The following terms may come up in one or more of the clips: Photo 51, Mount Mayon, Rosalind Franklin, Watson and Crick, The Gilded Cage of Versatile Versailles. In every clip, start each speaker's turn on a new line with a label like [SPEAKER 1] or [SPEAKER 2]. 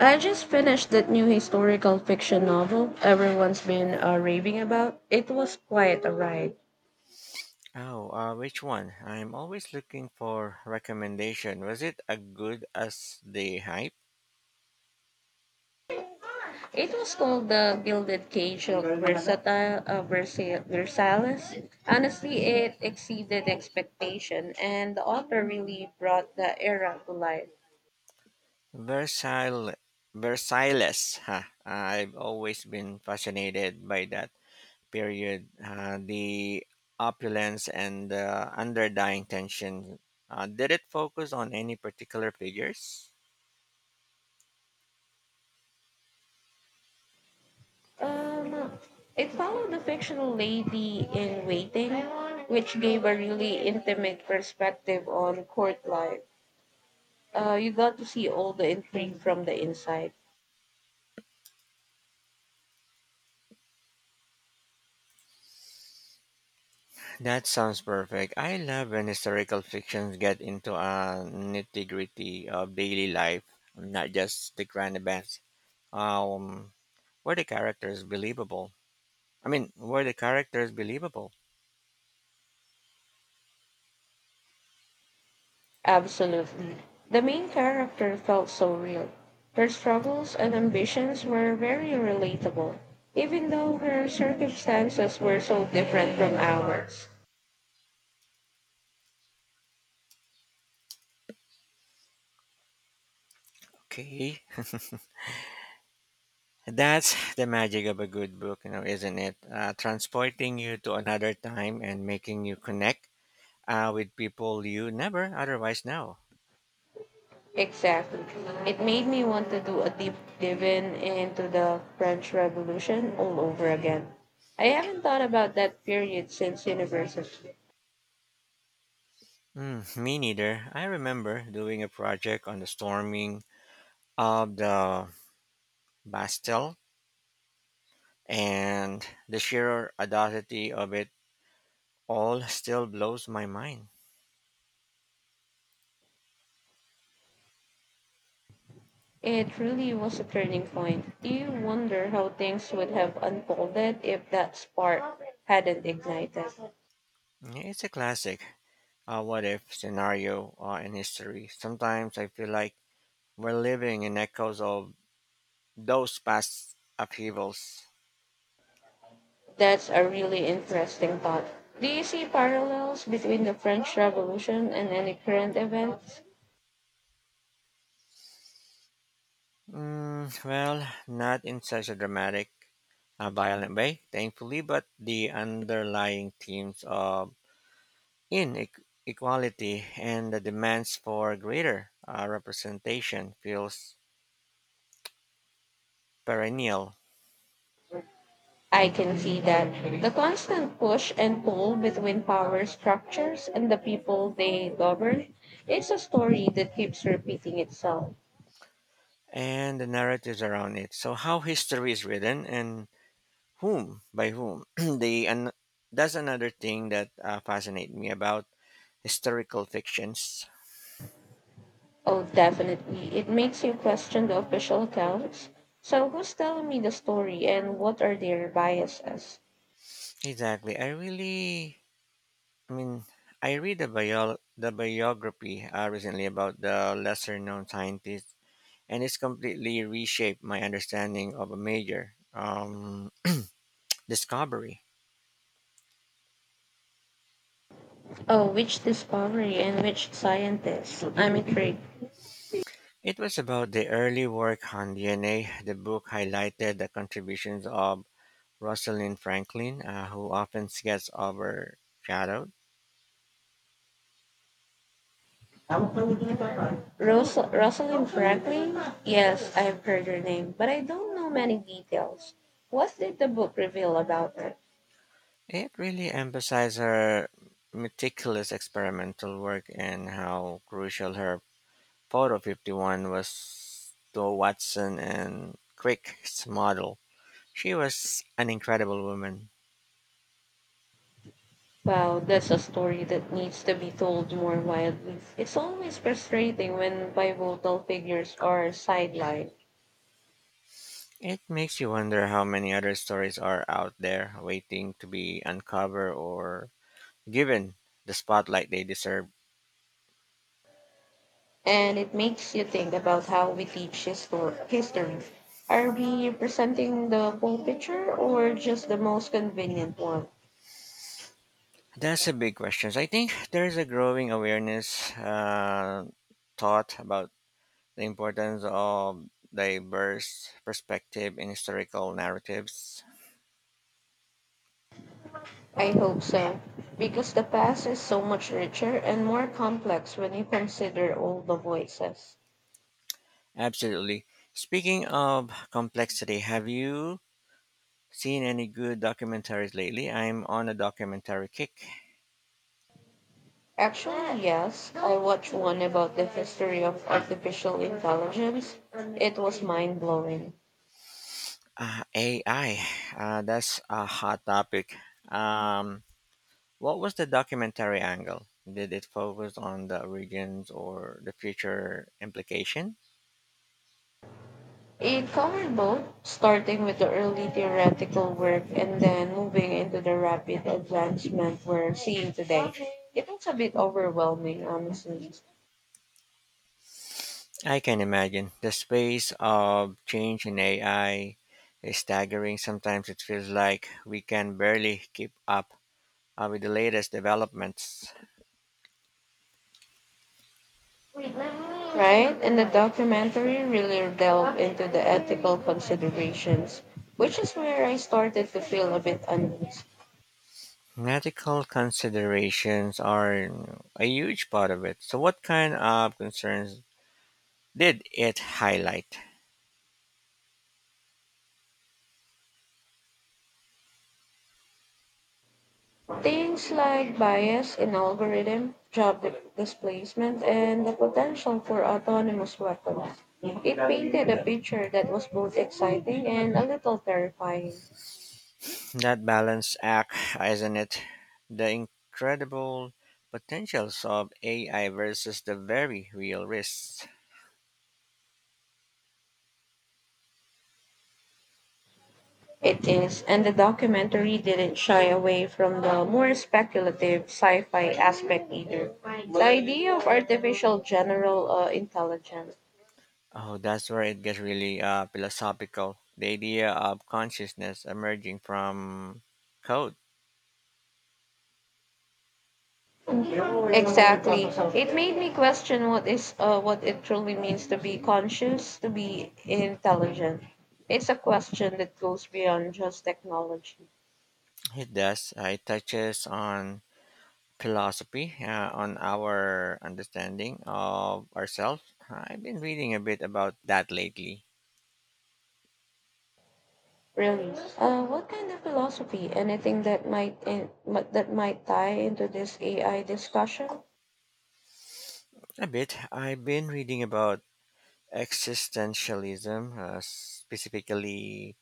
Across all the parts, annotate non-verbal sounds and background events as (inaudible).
[SPEAKER 1] I just finished that new historical fiction novel everyone's been raving about. It was quite a ride.
[SPEAKER 2] Oh, which one? I'm always looking for recommendation. Was it as good as the hype?
[SPEAKER 1] It was called The Gilded Cage of Versailles. Honestly, it exceeded expectation, and the author really brought the era to life.
[SPEAKER 2] Versailles, Versailles. Huh. I've always been fascinated by that period. The opulence and the underlying tension. Did it focus on any particular figures?
[SPEAKER 1] Um, it followed the fictional lady in waiting, which gave a really intimate perspective on court life. You got to see all the intrigue from the inside.
[SPEAKER 2] That sounds perfect. I love when historical fictions get into a nitty gritty of daily life, not just the grand events. Um, were the characters believable? I mean, were the characters believable?
[SPEAKER 1] Absolutely. The main character felt so real. Her struggles and ambitions were very relatable, even though her circumstances were so different from ours.
[SPEAKER 2] Okay, that's (laughs) the magic of a good book, isn't it? Transporting you to another time and making you connect with people you never otherwise know.
[SPEAKER 1] Exactly. It made me want to do a deep dive in into the French Revolution all over again. I haven't thought about that period since university.
[SPEAKER 2] Hmm, me neither. I remember doing a project on the storming of the Bastille, and the sheer audacity of it all still blows my mind.
[SPEAKER 1] It really was a turning point. You wonder how things would have unfolded if that spark hadn't ignited.
[SPEAKER 2] It's a classic, a what if scenario in history. Sometimes I feel like we're living in echoes of those past upheavals.
[SPEAKER 1] That's a really interesting thought. Do you see parallels between the French Revolution and any current events?
[SPEAKER 2] Well, not in such a dramatic, violent way, thankfully, but the underlying themes of inequality and the demands for greater representation feels perennial
[SPEAKER 1] I can see that. The constant push and pull between power structures and the people they govern, it's a story that keeps repeating itself.
[SPEAKER 2] and the narratives around it. So how history is written and Whom? By whom? (clears throat) they and that's another thing that fascinates me about historical fictions.
[SPEAKER 1] Oh, definitely. It makes you question the official accounts. So, who's telling me the story and what are their biases?
[SPEAKER 2] Exactly. I mean, I read the biography recently about the lesser known scientist, and it's completely reshaped my understanding of a major discovery.
[SPEAKER 1] Oh, which discovery and which scientist? I'm intrigued.
[SPEAKER 2] It was about the early work on DNA. The book highlighted the contributions of Rosalind Franklin, who often gets overshadowed.
[SPEAKER 1] Rosalind Franklin? Yes, I've heard her name, but I don't know many details. What did the book reveal about her?
[SPEAKER 2] It really emphasized her meticulous experimental work and how crucial her Photo 51 was to Watson and Crick's model. She was an incredible woman.
[SPEAKER 1] Wow, that's a story that needs to be told more widely. It's always frustrating when pivotal figures are sidelined,
[SPEAKER 2] It makes you wonder how many other stories are out there waiting to be uncovered or given the spotlight they deserve.
[SPEAKER 1] and it makes you think about how we teach history. Are we presenting the full picture or just the most convenient one?
[SPEAKER 2] That's a big question. So I think there is a growing awareness thought about the importance of diverse perspective in historical narratives.
[SPEAKER 1] I hope so, because the past is so much richer and more complex when you consider all the voices.
[SPEAKER 2] Absolutely. Speaking of complexity, have you seen any good documentaries lately? I'm on a documentary kick.
[SPEAKER 1] Actually, yes, I watched one about the history of artificial intelligence. It was mind blowing.
[SPEAKER 2] AI, that's a hot topic. Um, what was the documentary angle? Did it focus on the origins or the future implication?
[SPEAKER 1] It covered both, starting with the early theoretical work and then moving into the rapid advancement we're seeing today. It was a bit overwhelming, honestly.
[SPEAKER 2] I can imagine. The space of change in AI is staggering. Sometimes it feels like we can barely keep up with the latest developments.
[SPEAKER 1] Right? And the documentary really delved into the ethical considerations, which is where I started to feel a bit uneasy.
[SPEAKER 2] Ethical considerations are a huge part of it. So, what kind of concerns did it highlight?
[SPEAKER 1] Things like bias in algorithm, displacement, and the potential for autonomous weapons. It painted a picture that was both exciting and a little terrifying.
[SPEAKER 2] That balance act, isn't it? The incredible potentials of AI versus the very real risks.
[SPEAKER 1] It is, and the documentary didn't shy away from the more speculative sci-fi aspect either. The idea of artificial general intelligence.
[SPEAKER 2] Oh, that's where it gets really philosophical. The idea of consciousness emerging from code.
[SPEAKER 1] Exactly. It made me question what it truly means to be conscious, to be intelligent. It's a question that goes beyond just technology.
[SPEAKER 2] It does. It touches on philosophy, on our understanding of ourselves. I've been reading a bit about that lately.
[SPEAKER 1] Really. What kind of philosophy? Anything that that might tie into this AI discussion?
[SPEAKER 2] A bit. I've been reading about existentialism, specifically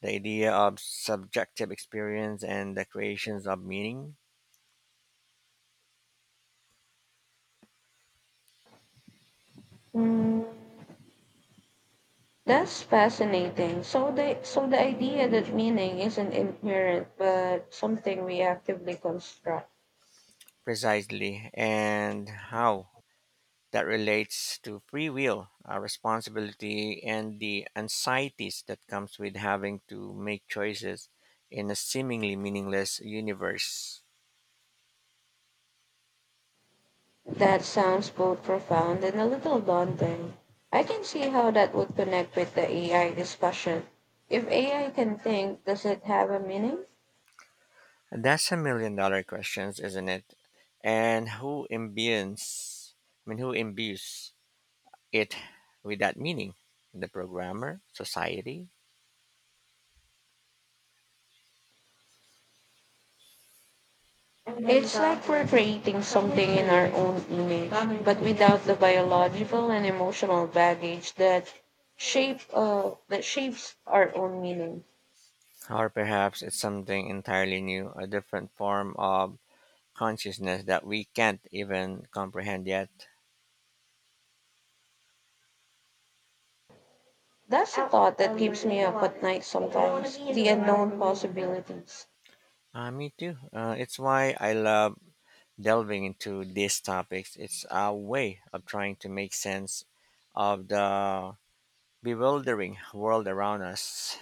[SPEAKER 2] the idea of subjective experience and the creations of meaning.
[SPEAKER 1] Hmm. That's fascinating. So the idea that meaning isn't inherent but something we actively construct.
[SPEAKER 2] Precisely, and how that relates to free will, responsibility, and the anxieties that comes with having to make choices in a seemingly meaningless universe.
[SPEAKER 1] That sounds both profound and a little daunting. I can see how that would connect with the AI discussion. If AI can think, does it have a meaning?
[SPEAKER 2] And that's a million dollar questions, isn't it? And who imbues? I mean, who imbues it with that meaning? The programmer, society,
[SPEAKER 1] It's like we're creating something in our own image, but without the biological and emotional baggage that shape that shapes our own meaning.
[SPEAKER 2] or perhaps it's something entirely new, a different form of consciousness that we can't even comprehend yet.
[SPEAKER 1] That's the thought that keeps me up at night sometimes the unknown possibilities.
[SPEAKER 2] Me too. It's why I love delving into these topics. It's a way of trying to make sense of the bewildering world around us.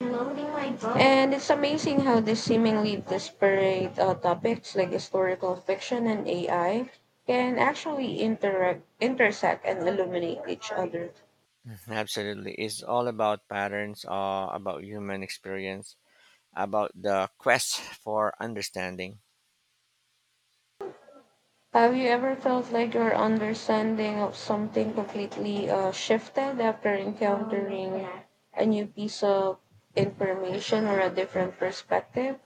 [SPEAKER 1] And it's amazing how these seemingly disparate topics like historical fiction and AI can actually interact, intersect and illuminate each other.
[SPEAKER 2] (laughs) Absolutely. It's all about patterns, about human experience, about the quest for understanding.
[SPEAKER 1] Have you ever felt like your understanding of something completely shifted after encountering a new piece of information or a different perspective?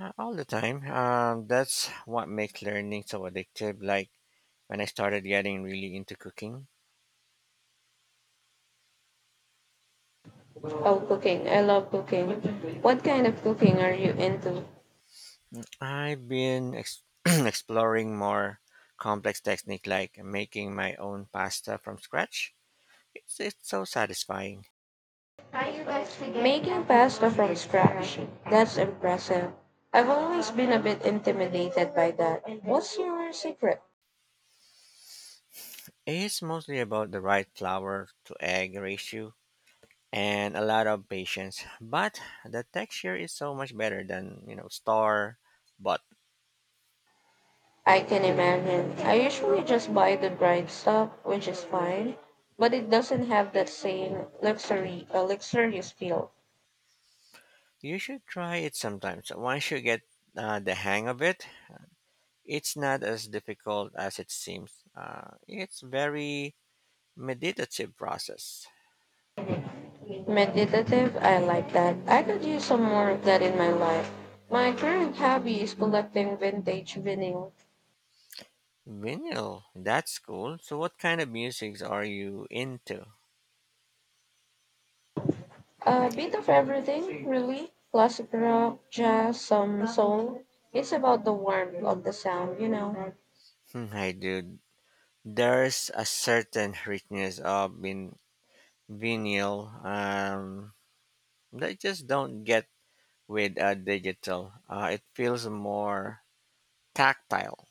[SPEAKER 2] All the time. That's what makes learning so addictive. Like when I started getting really into cooking,
[SPEAKER 1] Oh, cooking. I love cooking. What kind of cooking are you into?
[SPEAKER 2] I've been (clears throat) exploring more complex technique like making my own pasta from scratch. It's so satisfying.
[SPEAKER 1] Making pasta from scratch. That's impressive. I've always been a bit intimidated by that. What's your secret?
[SPEAKER 2] It's mostly about the right flour to egg ratio and a lot of patience, but the texture is so much better than store bought.
[SPEAKER 1] I can imagine. I usually just buy the dried stuff, which is fine, but it doesn't have that same luxurious feel.
[SPEAKER 2] You should try it sometimes. Once you get the hang of it, it's not as difficult as it seems. It's very meditative process.
[SPEAKER 1] Meditative, I like that. I could use some more of that in my life. My current hobby is collecting vintage vinyl.
[SPEAKER 2] Vinyl, that's cool. So, what kind of musics are you into?
[SPEAKER 1] A bit of everything, really. Classic rock, jazz, some soul. It's about the warmth of the sound, you know.
[SPEAKER 2] Hmm, I do. There's a certain richness of vinyl that I just don't get with digital. It feels more tactile.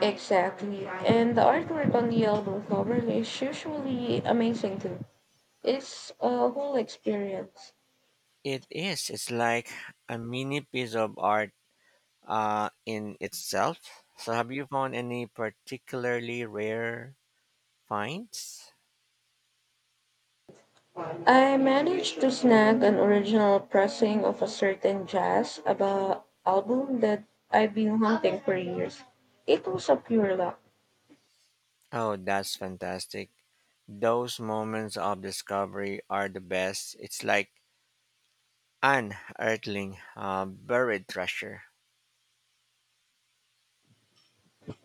[SPEAKER 1] Exactly. And the artwork on the album cover is usually amazing too. It's a whole experience.
[SPEAKER 2] It is. It's like a mini piece of art in itself. So, have you found any particularly rare finds?
[SPEAKER 1] I managed to snag an original pressing of a certain jazz about album that I've been hunting for years. It was a pure luck.
[SPEAKER 2] Oh, that's fantastic. Those moments of discovery are the best. It's like unearthing buried treasure.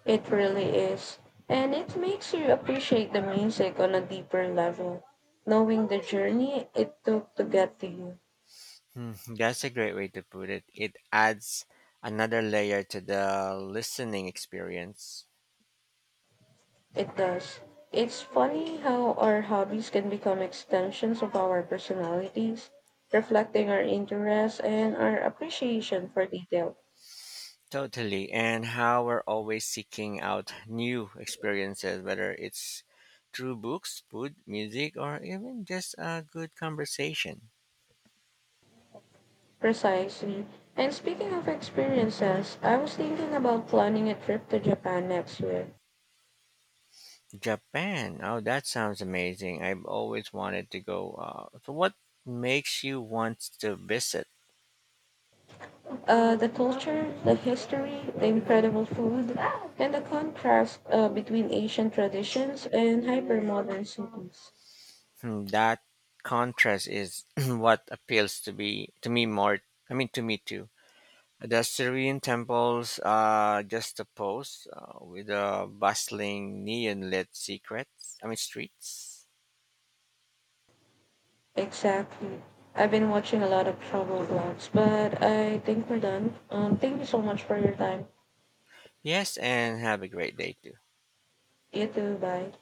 [SPEAKER 1] It really is. And it makes you appreciate the music on a deeper level. Knowing the journey it took to get to you.
[SPEAKER 2] Hmm, that's a great way to put it. It adds another layer to the listening experience.
[SPEAKER 1] It does. It's funny how our hobbies can become extensions of our personalities, reflecting our interests and our appreciation for detail.
[SPEAKER 2] Totally. And how we're always seeking out new experiences, whether it's through books, food, music, or even just a good conversation.
[SPEAKER 1] Precisely. And speaking of experiences, I was thinking about planning a trip to Japan next year.
[SPEAKER 2] Japan. Oh, that sounds amazing. I've always wanted to go. So what makes you want to visit?
[SPEAKER 1] The culture, the history, the incredible food, and the contrast between Asian traditions and hypermodern cities.
[SPEAKER 2] Hmm, that contrast is (clears throat) what appeals to me more. I mean, to me too. The Syrian temples are just a pose with the bustling neon lit secrets. I mean, streets.
[SPEAKER 1] Exactly. I've been watching a lot of travel vlogs, but I think we're done. Thank you so much for your time.
[SPEAKER 2] Yes, and have a great day too.
[SPEAKER 1] You too. Bye.